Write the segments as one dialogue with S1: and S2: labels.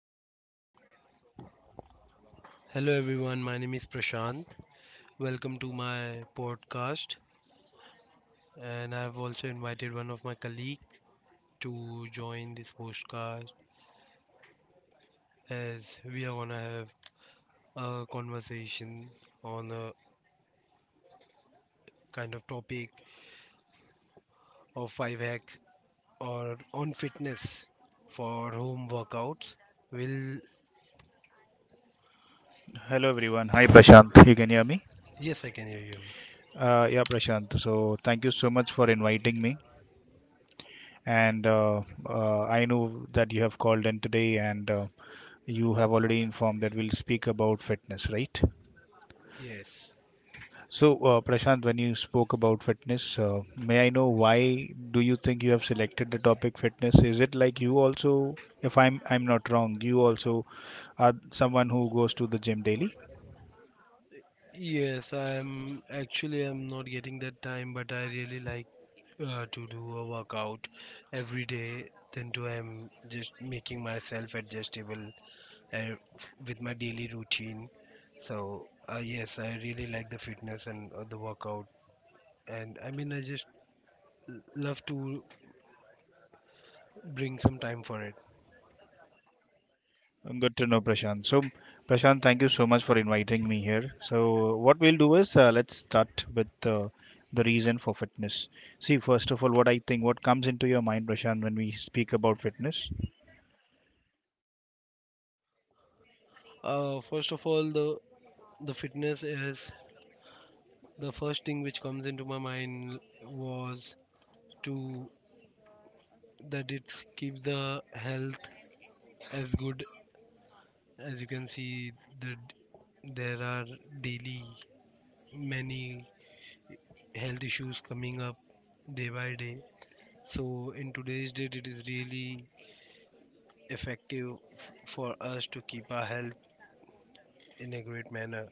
S1: Hello everyone. Hello everyone. My name is Prashant. Welcome to my podcast, and I've also invited one of my colleagues to join this podcast as we are going to have a conversation on a kind of topic of 5 hacks or on fitness for home workouts. Will
S2: Hello everyone. Hi Prashant. You can hear me?
S1: Yes, I can hear you.
S2: Yeah, Prashant, so thank you so much for inviting me. And I know that you have called in today, and you have already informed that we'll speak about fitness, right?
S1: Yes.
S2: So Prashant, when you spoke about fitness, may I know why do you think you have selected the topic fitness? Is it like you also, if I'm not wrong, you also are someone who goes to the gym daily?
S1: Yes, I'm actually I'm not getting that time, but I really like to do a workout every day. Then too, I'm just making myself adjustable uh, with my daily routine. So yes, I really like the fitness and the workout, and I mean I just love to bring some time for it.
S2: Good to know, Prashant. So, Prashant, thank you so much for inviting me here. So, what we'll do is let's start with the reason for fitness. See, first of all, what I think, what comes into your mind, Prashant, when we speak about fitness?
S1: First of all, the fitness is the first thing which comes into my mind was to that it keeps the health as good as you can see that there are daily many health issues coming up day by day, so in today's date it is really effective for us to keep our health in a great manner.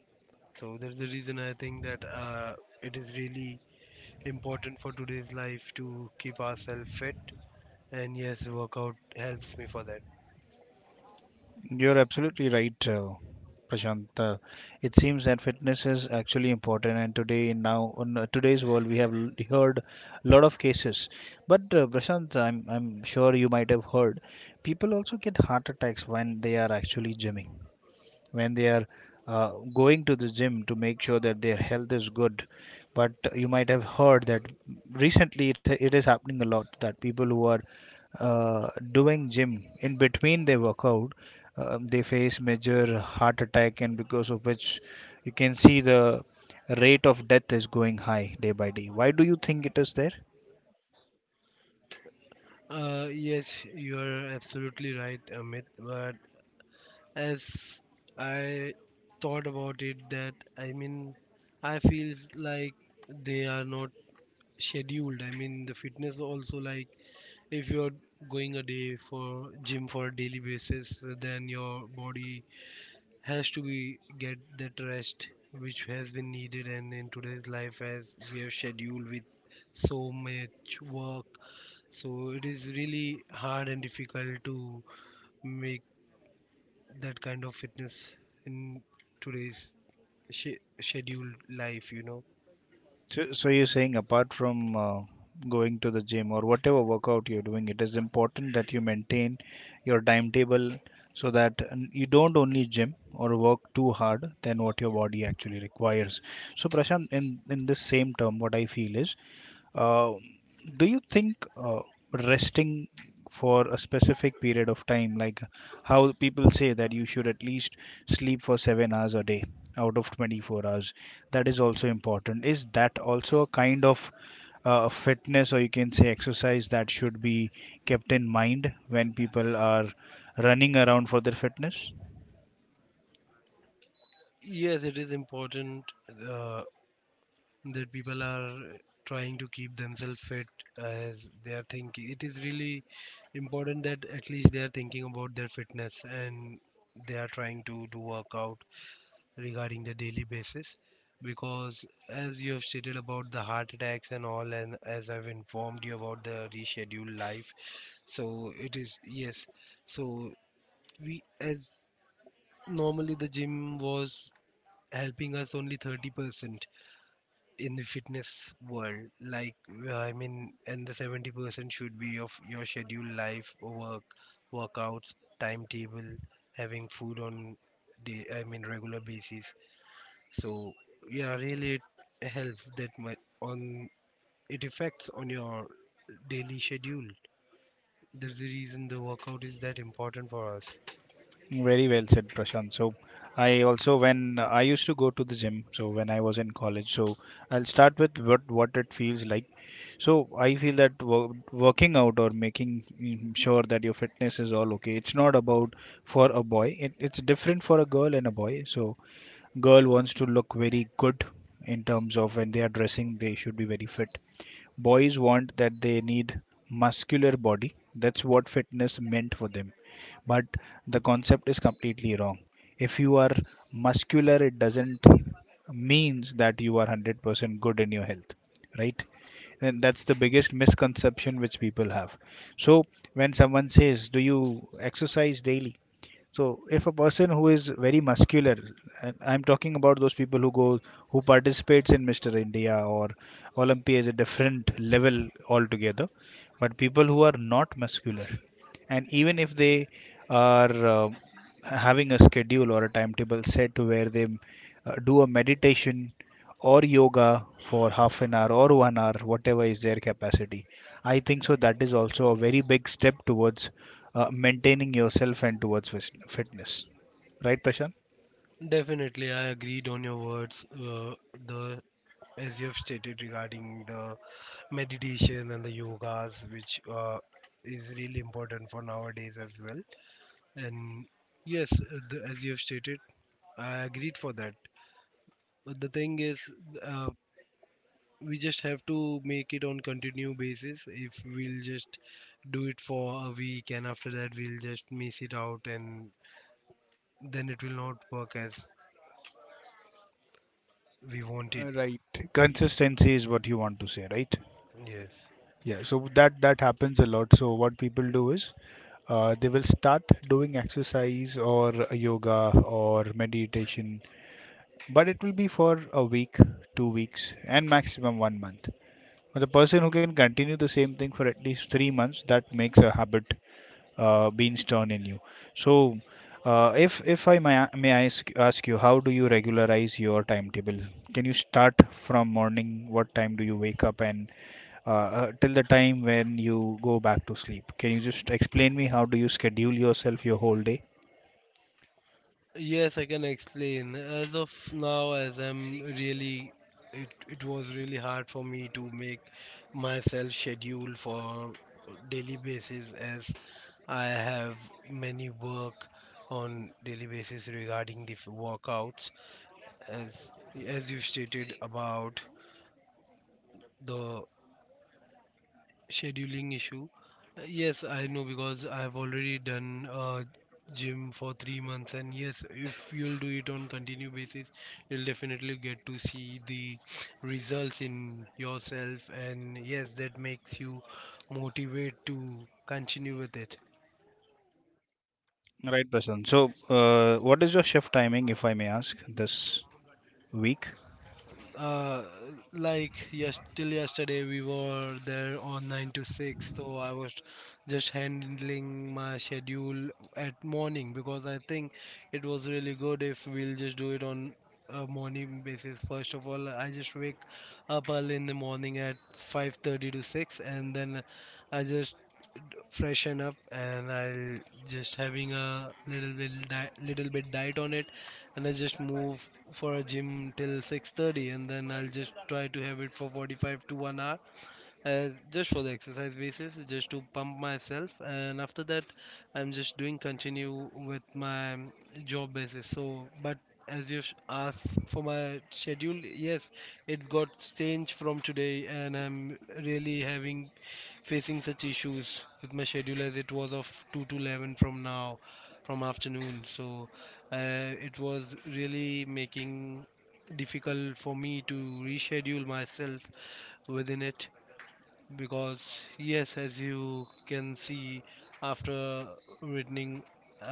S1: So that's the reason I think that it is really important for today's life to keep ourselves fit, and yes, workout helps me for that.
S2: You're absolutely right, Prashant. It seems that fitness is actually important, and today, now, in today's world, we have heard a lot of cases. But, Prashant, I'm sure you might have heard people also get heart attacks when they are actually gymming when they are going to the gym to make sure that their health is good. But you might have heard that recently it is happening a lot that people who are doing gym in between their workout, they face major heart attack, and because of which you can see the rate of death is going high day by day. Why do you think it is there?
S1: Yes, you are absolutely right, Amit. But as I thought about it that I mean I feel like they are not scheduled. I mean the fitness also, like if you're going a day for gym for a daily basis, then your body has to be get that rest which has been needed. And in today's life as we have scheduled with so much work, so it is really hard and difficult to make that kind of fitness in today's scheduled life.
S2: So you're saying apart from going to the gym or whatever workout you're doing, it is important that you maintain your timetable so that you don't only gym or work too hard than what your body actually requires. So, Prashant, in this same term, what I feel is uh, do you think resting for a specific period of time, like how people say that you should at least sleep for 7 hours a day out of 24 hours, that is also important? Is that also a kind of fitness or you can say exercise that should be kept in mind when people are running around for their fitness?
S1: Yes, it is important, uh, that people are trying to keep themselves fit, as they are thinking it is really important that at least they are thinking about their fitness and they are trying to do workout regarding the daily basis. Because as you have stated about the heart attacks and all, and as I've informed you about the rescheduled life, so it is. Yes. So we as normally the gym was helping us only 30% in the fitness world, like I mean, and the 70% should be of your scheduled life, work workouts, timetable, having food on the I mean regular basis. So yeah, really it helps that much on, it affects on your daily schedule. That's the reason the workout is that important for us.
S2: Very well said, Prashant. So, I also when I used to go to the gym. So when I was in college, so I'll start with what it feels like. So I feel that working out or making sure that your fitness is all okay. It's not about for a boy. It's different for a girl and a boy. So girl wants to look very good in terms of when they are dressing, they should be very fit. Boys want that they need muscular body. That's what fitness meant for them. But the concept is completely wrong. If you are muscular, it doesn't means that you are 100% good in your health, right? And that's the biggest misconception which people have. So when someone says, "Do you exercise daily?" So if a person who is very muscular, and I'm talking about those people who go who participates in Mr. India or Olympia is a different level altogether, but people who are not muscular, and even if they are having a schedule or a timetable set to where they do a meditation or yoga for half an hour or 1 hour, whatever is their capacity. I think so. That is also a very big step towards maintaining yourself and towards fitness. Right, Prashant?
S1: Definitely, I agreed on your words. The As you have stated regarding the meditation and the yogas, which is really important for nowadays as well. And yes, as you have stated, I agreed for that. But the thing is, uh, we just have to make it on continue basis. If we'll just do it for a week and after that we'll just miss it out, and then it will not work as we want it.
S2: Right. Consistency is what you want to say, right?
S1: Yes.
S2: Yeah. So that that happens a lot. So what people do is they will start doing exercise or yoga or meditation, but it will be for a week, 2 weeks, and maximum 1 month. The person who can continue the same thing for at least 3 months, that makes a habit being stern in you. So, if I may ask you, how do you regularize your timetable? Can you start from morning? What time do you wake up and till the time when you go back to sleep? Can you just explain me how do you schedule yourself your whole day?
S1: Yes, I can explain. As of now, as I'm really, it was really hard for me to make myself schedule for daily basis as I have many work on daily basis regarding the workouts. As as you stated about the scheduling issue. Yes, I know because I've already done gym for 3 months, and yes, if you'll do it on continue basis, you'll definitely get to see the results in yourself, and yes, that makes you motivate to continue with it.
S2: Right, Prasan. So, what is your shift timing, if I may ask, this week?
S1: uh, like yes, till yesterday we were there on 9 to 6, so I was just handling my schedule at morning because I think it was really good if we'll just do it on a morning basis. First of all, I just wake up early in the morning at 5:30 to 6, and then I just freshen up and I'll just having a little bit diet on it, and I just move for a gym till 6:30, and then I'll just try to have it for 45 to 1 hour just for the exercise basis, just to pump myself. And after that, I'm just doing continue with my job basis. So, but as you asked for my schedule, yes, it's got changed from today, and I'm really having facing such issues with my schedule as it was of 2 to 11 from now, from afternoon. So, it was really making difficult for me to reschedule myself within it. Because yes, as you can see, after returning,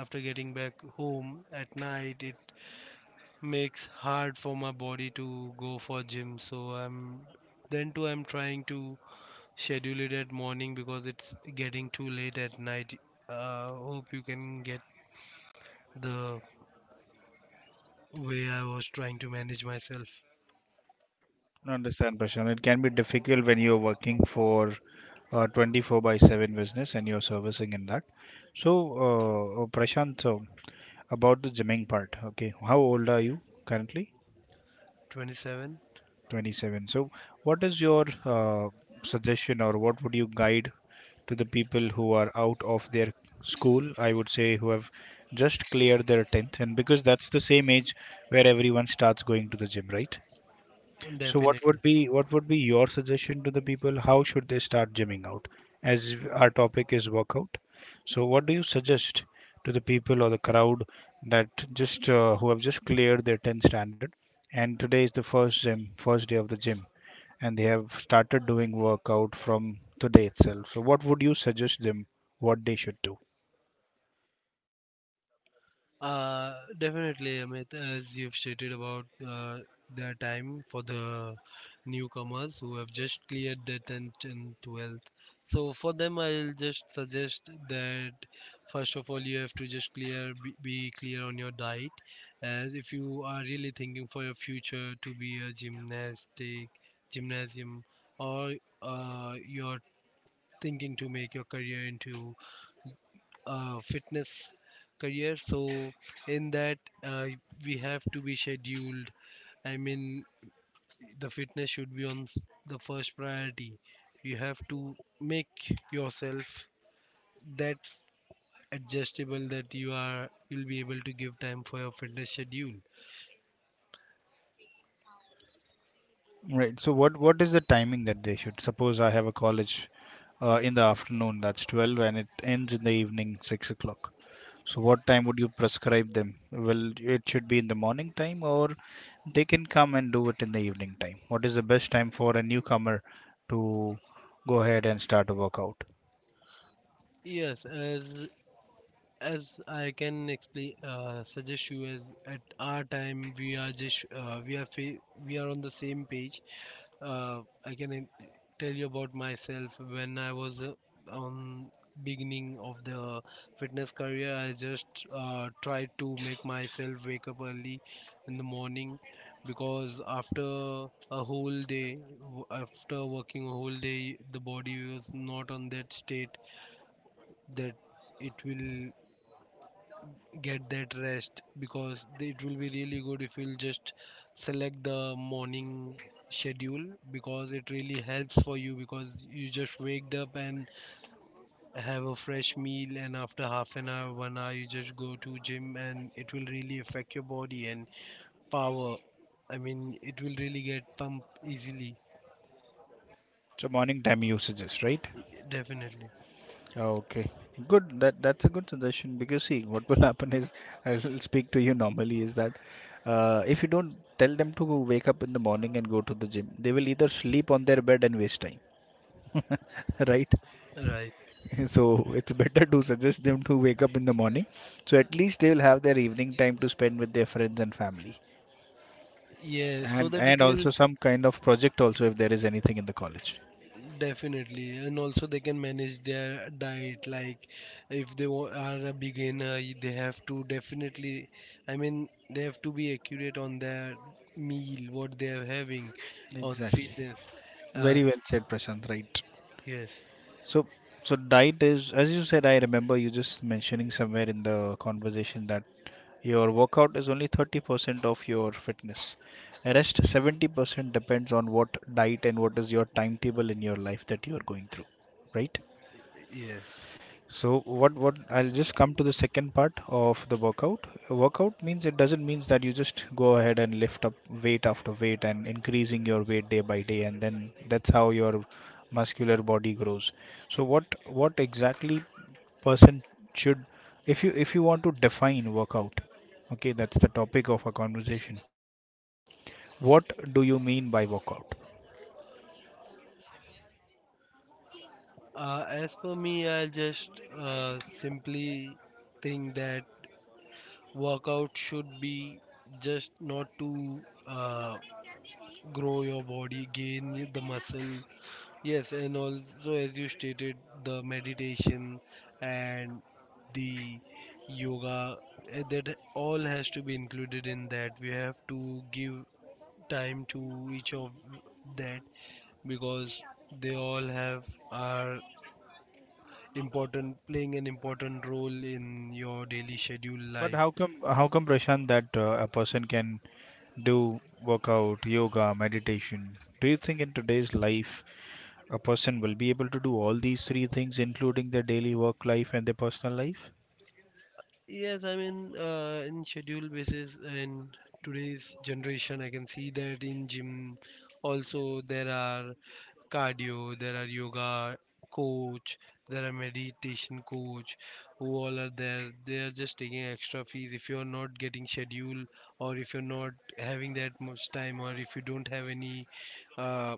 S1: after getting back home at night, it makes hard for my body to go for gym. So I'm then too, I'm trying to schedule it at morning because it's getting too late at night. Hope you can get the way I was trying to manage myself.
S2: I understand, Prashant. It can be difficult when you're working for a 24 by 7 business and you're servicing in that. So, Prashant, so about the gymming part, okay, how old are you currently?
S1: 27.
S2: 27. So, what is your suggestion or what would you guide to the people who are out of their school? I would say who have just cleared their 10th, and because that's the same age where everyone starts going to the gym, right? So
S1: Definitely.
S2: what would be your suggestion to the people? How should they start gymming out? As our topic is workout, so what do you suggest to the people or the crowd that just who have just cleared their 10th standard and today is the first gym, first day of the gym, and they have started doing workout from today itself. So what would you suggest them what they should do?
S1: Definitely, Amit, as you've stated about their time for the newcomers who have just cleared their 10th and 12th. So, for them, I'll just suggest that first of all, you have to just be clear on your diet. As if you are really thinking for your future to be a gymnastic, gymnasium, or you're thinking to make your career into fitness career. So in that, uh, we have to be scheduled. I mean the fitness should be on the first priority. You have to make yourself that adjustable that you'll be able to give time for your fitness schedule.
S2: Right. So what is the timing that they should? Suppose I have a college in the afternoon that's 12 and it ends in the evening 6 o'clock. So what time would you prescribe them? Well, it should be in the morning time or they can come and do it in the evening time. What is the best time for a newcomer to go ahead and start a workout?
S1: Yes, as I can explain, suggest you, as at our time we are just, we are on the same page. I can tell you about myself. When I was on beginning of the fitness career, I just tried to make myself wake up early in the morning, because after a whole day, after working a whole day, the body was not on that state that it will get that rest. Because it will be really good if you'll just select the morning schedule, because it really helps for you, because you just waked up and have a fresh meal, and after half an hour 1 hour you just go to gym and it will really affect your body and power. I mean it will really get pumped easily.
S2: So morning time you suggest, right?
S1: Definitely.
S2: Okay. Good. That that's a good suggestion because see what will happen is I'll speak to you normally is that if you don't tell them to wake up in the morning and go to the gym, they will either sleep on their bed and waste time. Right?
S1: Right.
S2: So it's better to suggest them to wake up in the morning. So at least they will have their evening time to spend with their friends and family.
S1: Yeah, so
S2: And
S1: that
S2: and
S1: it will
S2: also some kind of project also if there is anything in the college.
S1: Definitely, and also they can manage their diet. Like, if they are a beginner, they have to definitely, I mean, they have to be accurate on their meal, what they are having, on the
S2: Exactly.
S1: fitness. And
S2: Very well said, Prashant, right.
S1: yes,
S2: So so diet is as you said, I remember you just mentioning somewhere in the conversation that your workout is only 30% of your fitness. Rest 70% depends on what diet and what is your timetable in your life that you are going through, right?
S1: yes.
S2: So what I'll just come to the second part of the workout. Workout means it doesn't means that you just go ahead and lift up weight after weight and increasing your weight day by day and then that's how your muscular body grows. So what exactly person should if you want to define workout. Okay, that's the topic of our conversation. What do you mean by workout?
S1: As for me, I'll just simply think that workout should be just not to uh, grow your body, gain the muscle. Yes, and also as you stated, the meditation and the yoga that all has to be included in that. We have to give time to each of that because they all have are important, playing an important role in your daily schedule
S2: But
S1: life.
S2: how come Prashant that a person can do workout, yoga, meditation. Do you think in today's life a person will be able to do all these three things, including their daily work life and their personal life?
S1: Yes, I mean in schedule basis in today's generation, I can see that in gym also there are cardio, there are yoga coach, there are meditation coach who all are there. They are just taking extra fees if you're not getting schedule or if you're not having that much time or if you don't have any uh,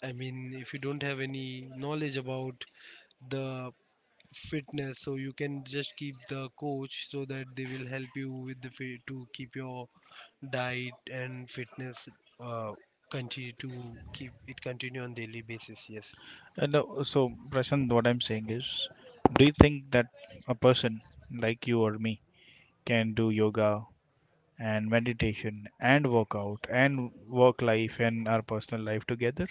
S1: I mean if you don't have any knowledge about the fitness, so you can just keep the coach so that they will help you with the fit to keep your diet and fitness uh, continue to keep it continue on daily basis. Yes.
S2: And so, Prashant, what I'm saying is, do you think that a person like you or me can do yoga and meditation and workout and work life and our personal life together?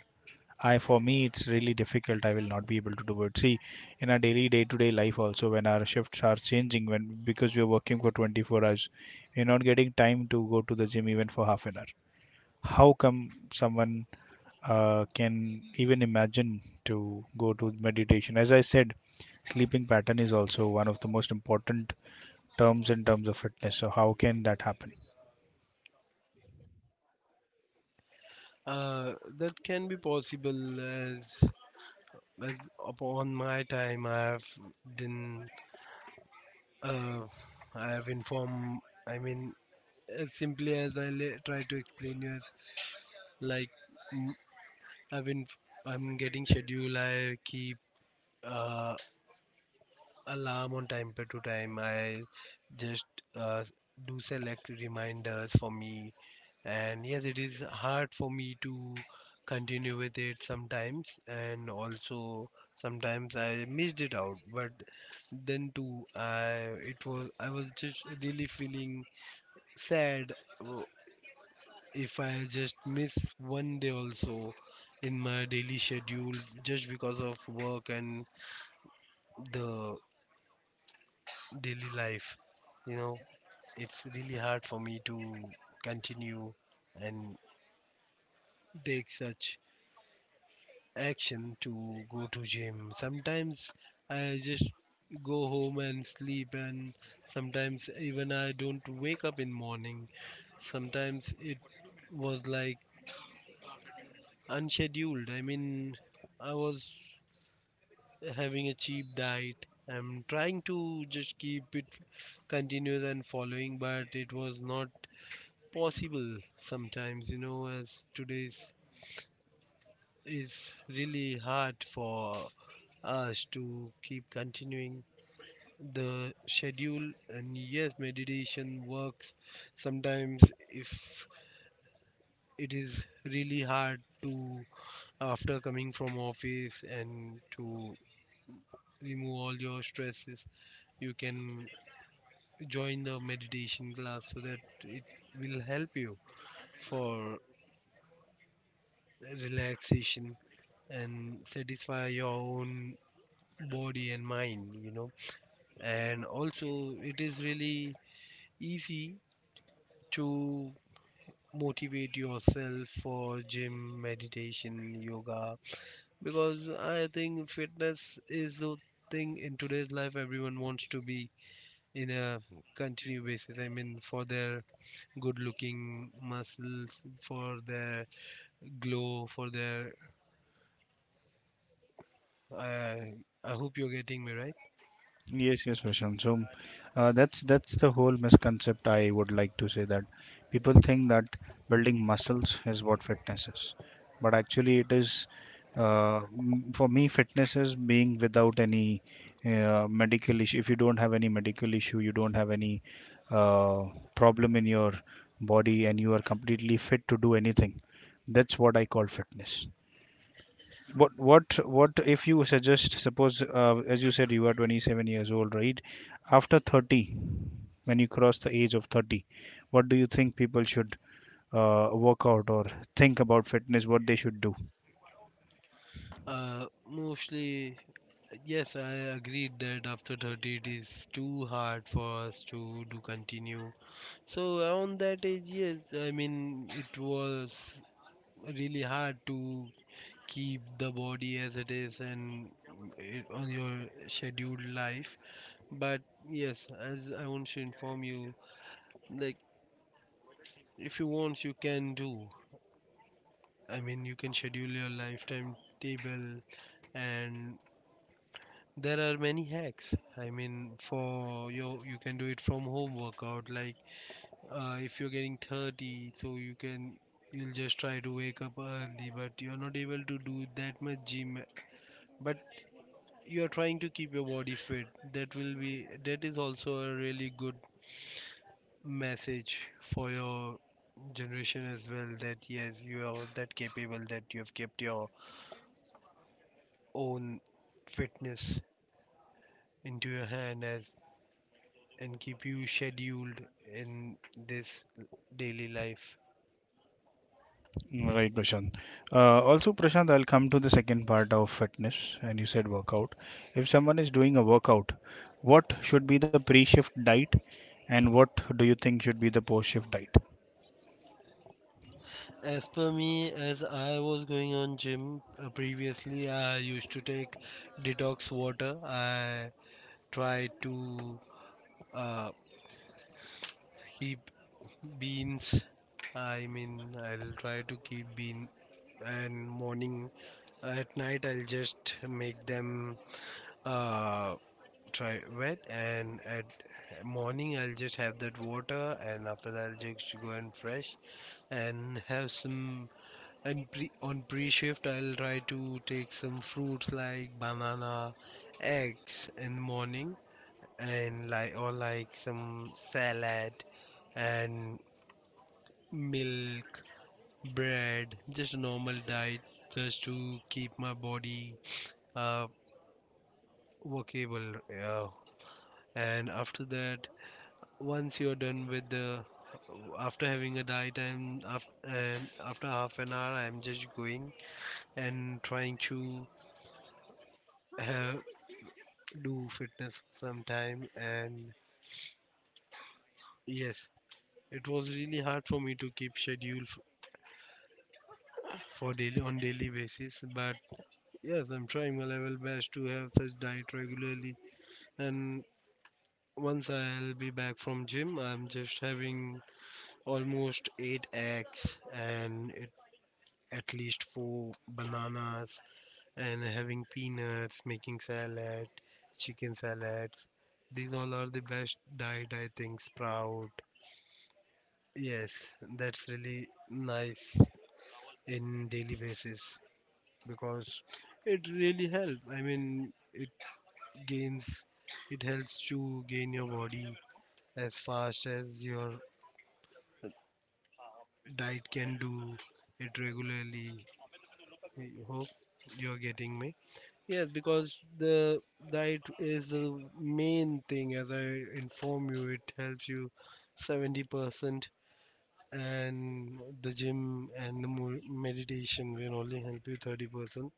S2: I for me it's really difficult. I will not be able to do it. See, in our daily day-to-day life also, when our shifts are changing, when because we are working for 24 hours, we're not getting time to go to the gym even for half an hour. How come someone can even imagine to go to meditation? As I said, sleeping pattern is also one of the most important terms in terms of fitness. So how can that happen?
S1: That can be possible as upon my time I have done. uh, I have informed, I mean, as simply as I try to explain you, as like mm, I've I'm getting schedule. I keep uh, alarm on time to time. I just uh, do select reminders for me. And yes, it is hard for me to continue with it sometimes, and also sometimes I missed it out. But then too, I was just really feeling sad uh, if I just miss one day also in my daily schedule just because of work and the daily life, you know it's really hard for me to continue and take such action to go to gym. Sometimes I just go home and sleep, and sometimes even I don't wake up in morning. Sometimes it was like unscheduled. I mean, I was having a cheap diet. I'm trying to just keep it continuous and following, but it was not possible sometimes, you know, as today's is really hard for us to keep continuing the schedule. And yes, meditation works sometimes. If it is really hard to after coming from office and to remove all your stresses, you can join the meditation class so that it will help you for relaxation and satisfy your own body and mind, you know. And also it is really easy to motivate yourself for gym, meditation, yoga, because I think fitness is the thing in today's life. Everyone wants to be in a continuous basis. I mean, for their good looking muscles, for their glow, for their. Uh, I hope you're getting me right.
S2: Yes, yes, Prashant. So that's the whole misconcept I would like to say that people think that building muscles is what fitness is, but actually it is. For me, fitness is being without any medical issue. If you don't have any medical issue, you don't have any uh, problem in your body, and you are completely fit to do anything. That's what I call fitness. What what if you suggest suppose as you said you are 27 years old, right? After 30, when you cross the age of 30, what do you think people should work out or think about fitness, what they should do?
S1: Mostly, yes, I agreed that after 30 it is too hard for us to do continue. So around that age, yes, I mean it was really hard to keep the body as it is and it, on your scheduled life. But yes, as I want to inform you, like if you want, you can do. I mean, you can schedule your lifetime table, and there are many hacks. I mean, for your you can do it from home workout like if you're getting 30, so you can you'll just try to wake up early, but you're not able to do that much gym, but you're trying to keep your body fit. That will be that is also a really good message for your generation as well, that yes you are that capable that you have kept your own fitness into your hand as and keep you scheduled in this daily life.
S2: Right, Prashant. Also, Prashant, I'll come to the second part of fitness and you said workout, if someone is doing a workout, what should be the pre-shift diet and what do you think should be the post-shift diet?
S1: As per me, as I was going on gym previously, I used to take detox water. I try to uh, keep beans. I mean, I'll try to keep bean and morning at night I'll just make them uh, try wet, and at morning I'll just have that water, and after that I'll just go and fresh and have some. And pre- on pre shift, I'll try to take some fruits like banana, eggs in the morning, and like or like some salad and milk, bread, just a normal diet just to keep my body uh, workable. Yeah. And after that, once you're done with the after having a diet and after half an hour I'm just going and trying to have do fitness sometime. And yes, it was really hard for me to keep schedule for daily on daily basis, but yes, I'm trying my level best to have such diet regularly. And once I'll be back from gym, I'm just having almost 8 eggs and it, at least 4 bananas, and having peanuts, making salad, chicken salads. These all are the best diet, I think. Sprout. Yes, that's really nice in daily basis because it really helps. I mean, it gains, it helps to gain your body as fast as your diet can do it regularly. I hope you're getting me. Yes, because the diet is the main thing. As I inform you, it helps you 70% and the gym and the meditation will only help you 30%.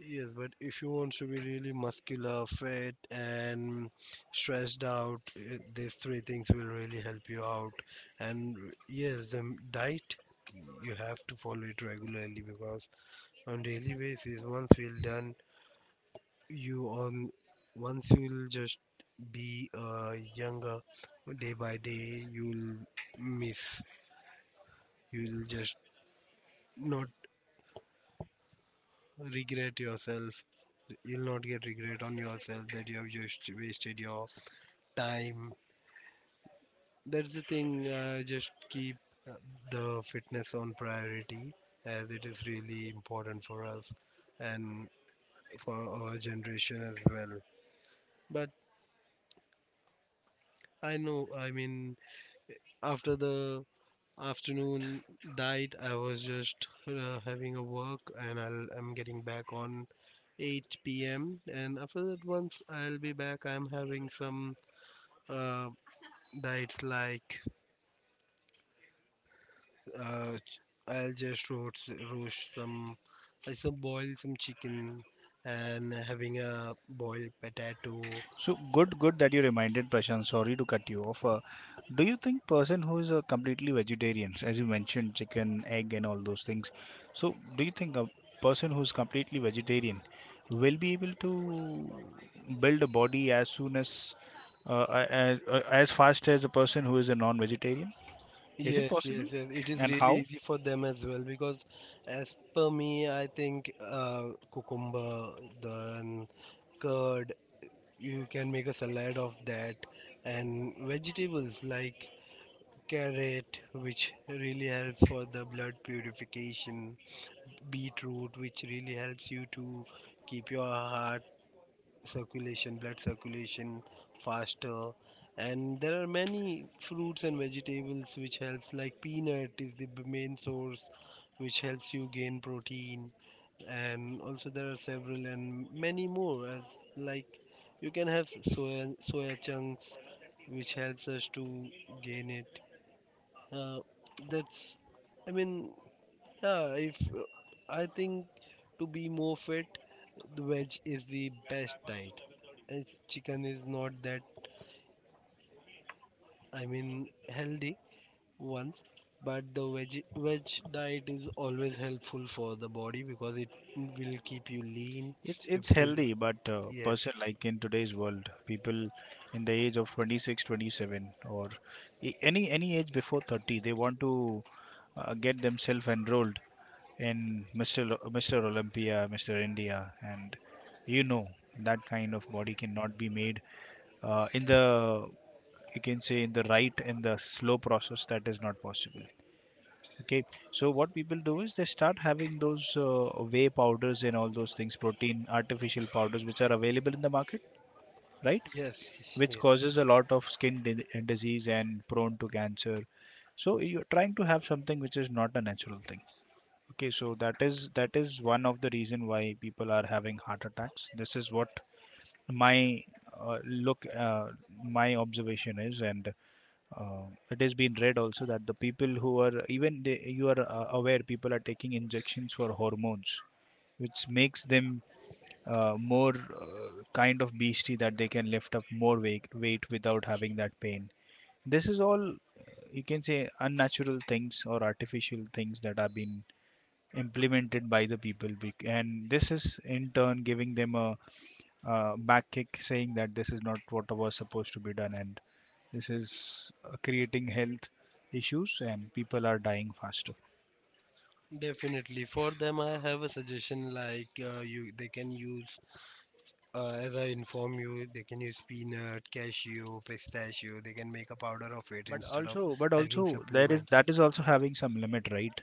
S1: Yes, but if you want to be really muscular, fit, and stressed out, eh, these three things will really help you out. And yes, the diet you have to follow it regularly because on daily basis, once we'll done, you on once you'll just be younger day by day, you'll miss, you'll just not regret yourself. You'll not get regret on yourself that you have just wasted your time. That's the thing. Just keep uh, the fitness on priority as it is really important for us and for our generation as well. But I know, I mean, after the afternoon diet, I was just having a work, and I'm getting back on 8 p.m., and after that once I'll be back I'm having some uh, diets like uh, I'll just roast some, I some boil some chicken and having a boiled potato.
S2: So good, good that you reminded Prashant. Sorry to cut you off. Do you think person who is completely vegetarian, as you mentioned, chicken, egg, and all those things, so do you think a person who is completely vegetarian will be able to build a body as soon as uh, as, as fast as a person who is a non-vegetarian? Is it
S1: Yes,
S2: possible?
S1: yes, yes. It is
S2: And
S1: really
S2: how?
S1: easy for them as well because, as per me, I think cucumber, then curd, you can make a salad of that, and vegetables like carrot, which really helps for the blood purification. Beetroot, which really helps you to keep your heart circulation blood circulation faster. And there are many fruits and vegetables which helps, like peanut is the main source which helps you gain protein. And also there are several and many more, as like you can have soya chunks which helps us to gain it. uh, that's I mean yeah, if I think to be more fit, the veg is the best diet. It's chicken is not that I mean healthy once, but the veg diet is always helpful for the body because it will keep you lean.
S2: It's
S1: It
S2: it's
S1: will
S2: healthy, but
S1: yes,
S2: person like in today's world, people in the age of 26, 27, or any age before 30, they want to get themselves enrolled in Mr. Olympia, Mr. India, and you know that kind of body cannot be made in the you can say in the slow process. That is not possible. Okay, so what people do is they start having those whey powders and all those things, protein, artificial powders, which are available in the market, right?
S1: yes,
S2: Which
S1: yes.
S2: causes a lot of disease and prone to cancer. So you're trying to have something which is not a natural thing. Okay, so that is one of the reason why people are having heart attacks. This is what my uh, look, uh, my observation is, and uh, it has been read also that the people who are even they, you are aware, people are taking injections for hormones which makes them more kind of beastie that they can lift up more weight without having that pain. This is all you can say unnatural things or artificial things that are being implemented by the people and this is in turn giving them a back kick saying that this is not what was supposed to be done, and this is creating health issues and people are dying faster.
S1: Definitely. For them, I have a suggestion like you they can use. As I inform you, they can use peanut, cashew, pistachio. They can make a powder of it
S2: but
S1: instead of
S2: also but
S1: having
S2: also there is,
S1: supplements.
S2: that is also having some limit, right?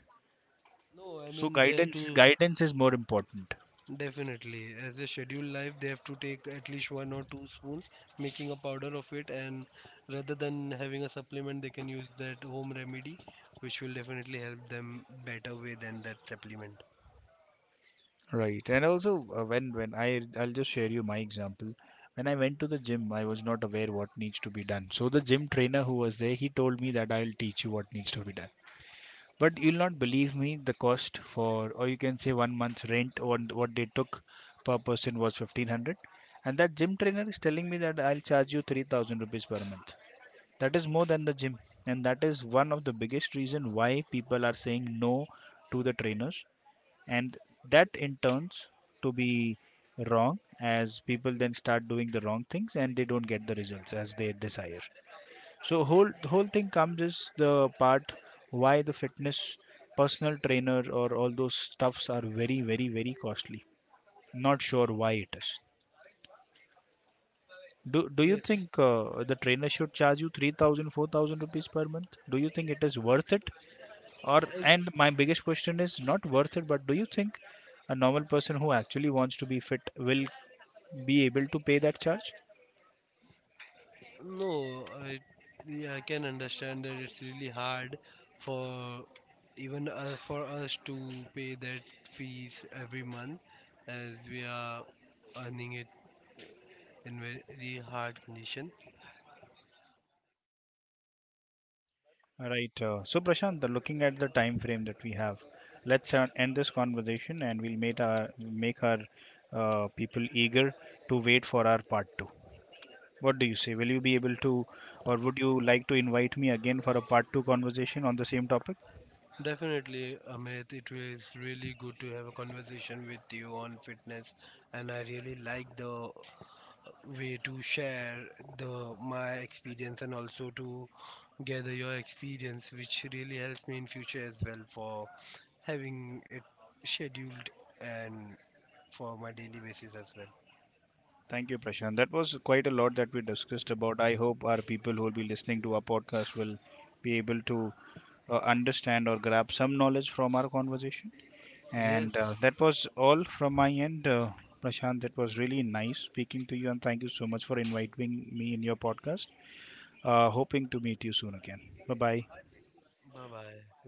S1: No, I
S2: So
S1: mean they have
S2: guidance
S1: to
S2: guidance is more important.
S1: definitely, as a scheduled life, they have to take at least one or two spoons, making a powder of it, and rather than having a supplement, they can use that home remedy, which will definitely help them better way than that supplement.
S2: Right, and also when I'll just share you my example. When I went to the gym, I was not aware what needs to be done, so the gym trainer who was there, he told me that I'll teach you what needs to be done. But you'll not believe me, the cost for, or you can say one month's rent, what they took per person was 1500. And that gym trainer is telling me that I'll charge you 3000 rupees per month. That is more than the gym. And that is one of the biggest reason why people are saying no to the trainers. And that in turns to be wrong as people then start doing the wrong things and they don't get the results as they desire. So whole the whole thing comes is the part why the fitness personal trainer or all those stuffs are very very very costly. Not sure why it is. Do you
S1: Yes,
S2: think the trainer should charge you 3000 4000 rupees per month? Do you think it is worth it? Or,
S1: as
S2: and my biggest question is not worth it, but do you think a normal person who actually wants to be fit will be able to pay that charge?
S1: no, I yeah, I can understand that it's really hard for even for us to pay that fees every month as we are earning it in very hard condition.
S2: Right. So, Prashant, looking at the time frame that we have, let's end this conversation and we'll make our people eager to wait for our part two. What do you say? Will you be able to, or would you like to invite me again for a part two conversation on the same topic?
S1: Definitely, Amit. It was really good to have a conversation with you on fitness, and I really like the way to share the my experience and also to gather your experience, which really helps me in future as well for having it scheduled and for my daily basis as well.
S2: Thank you, Prashant. That was quite a lot that we discussed about. I hope our people who will be listening to our podcast will be able to understand or grab some knowledge from our conversation. And
S1: Yes.
S2: that was all from my end, Prashant. That was really nice speaking to you, and thank you so much for inviting me in your podcast. Hoping to meet you soon again. Bye bye.
S1: Bye bye.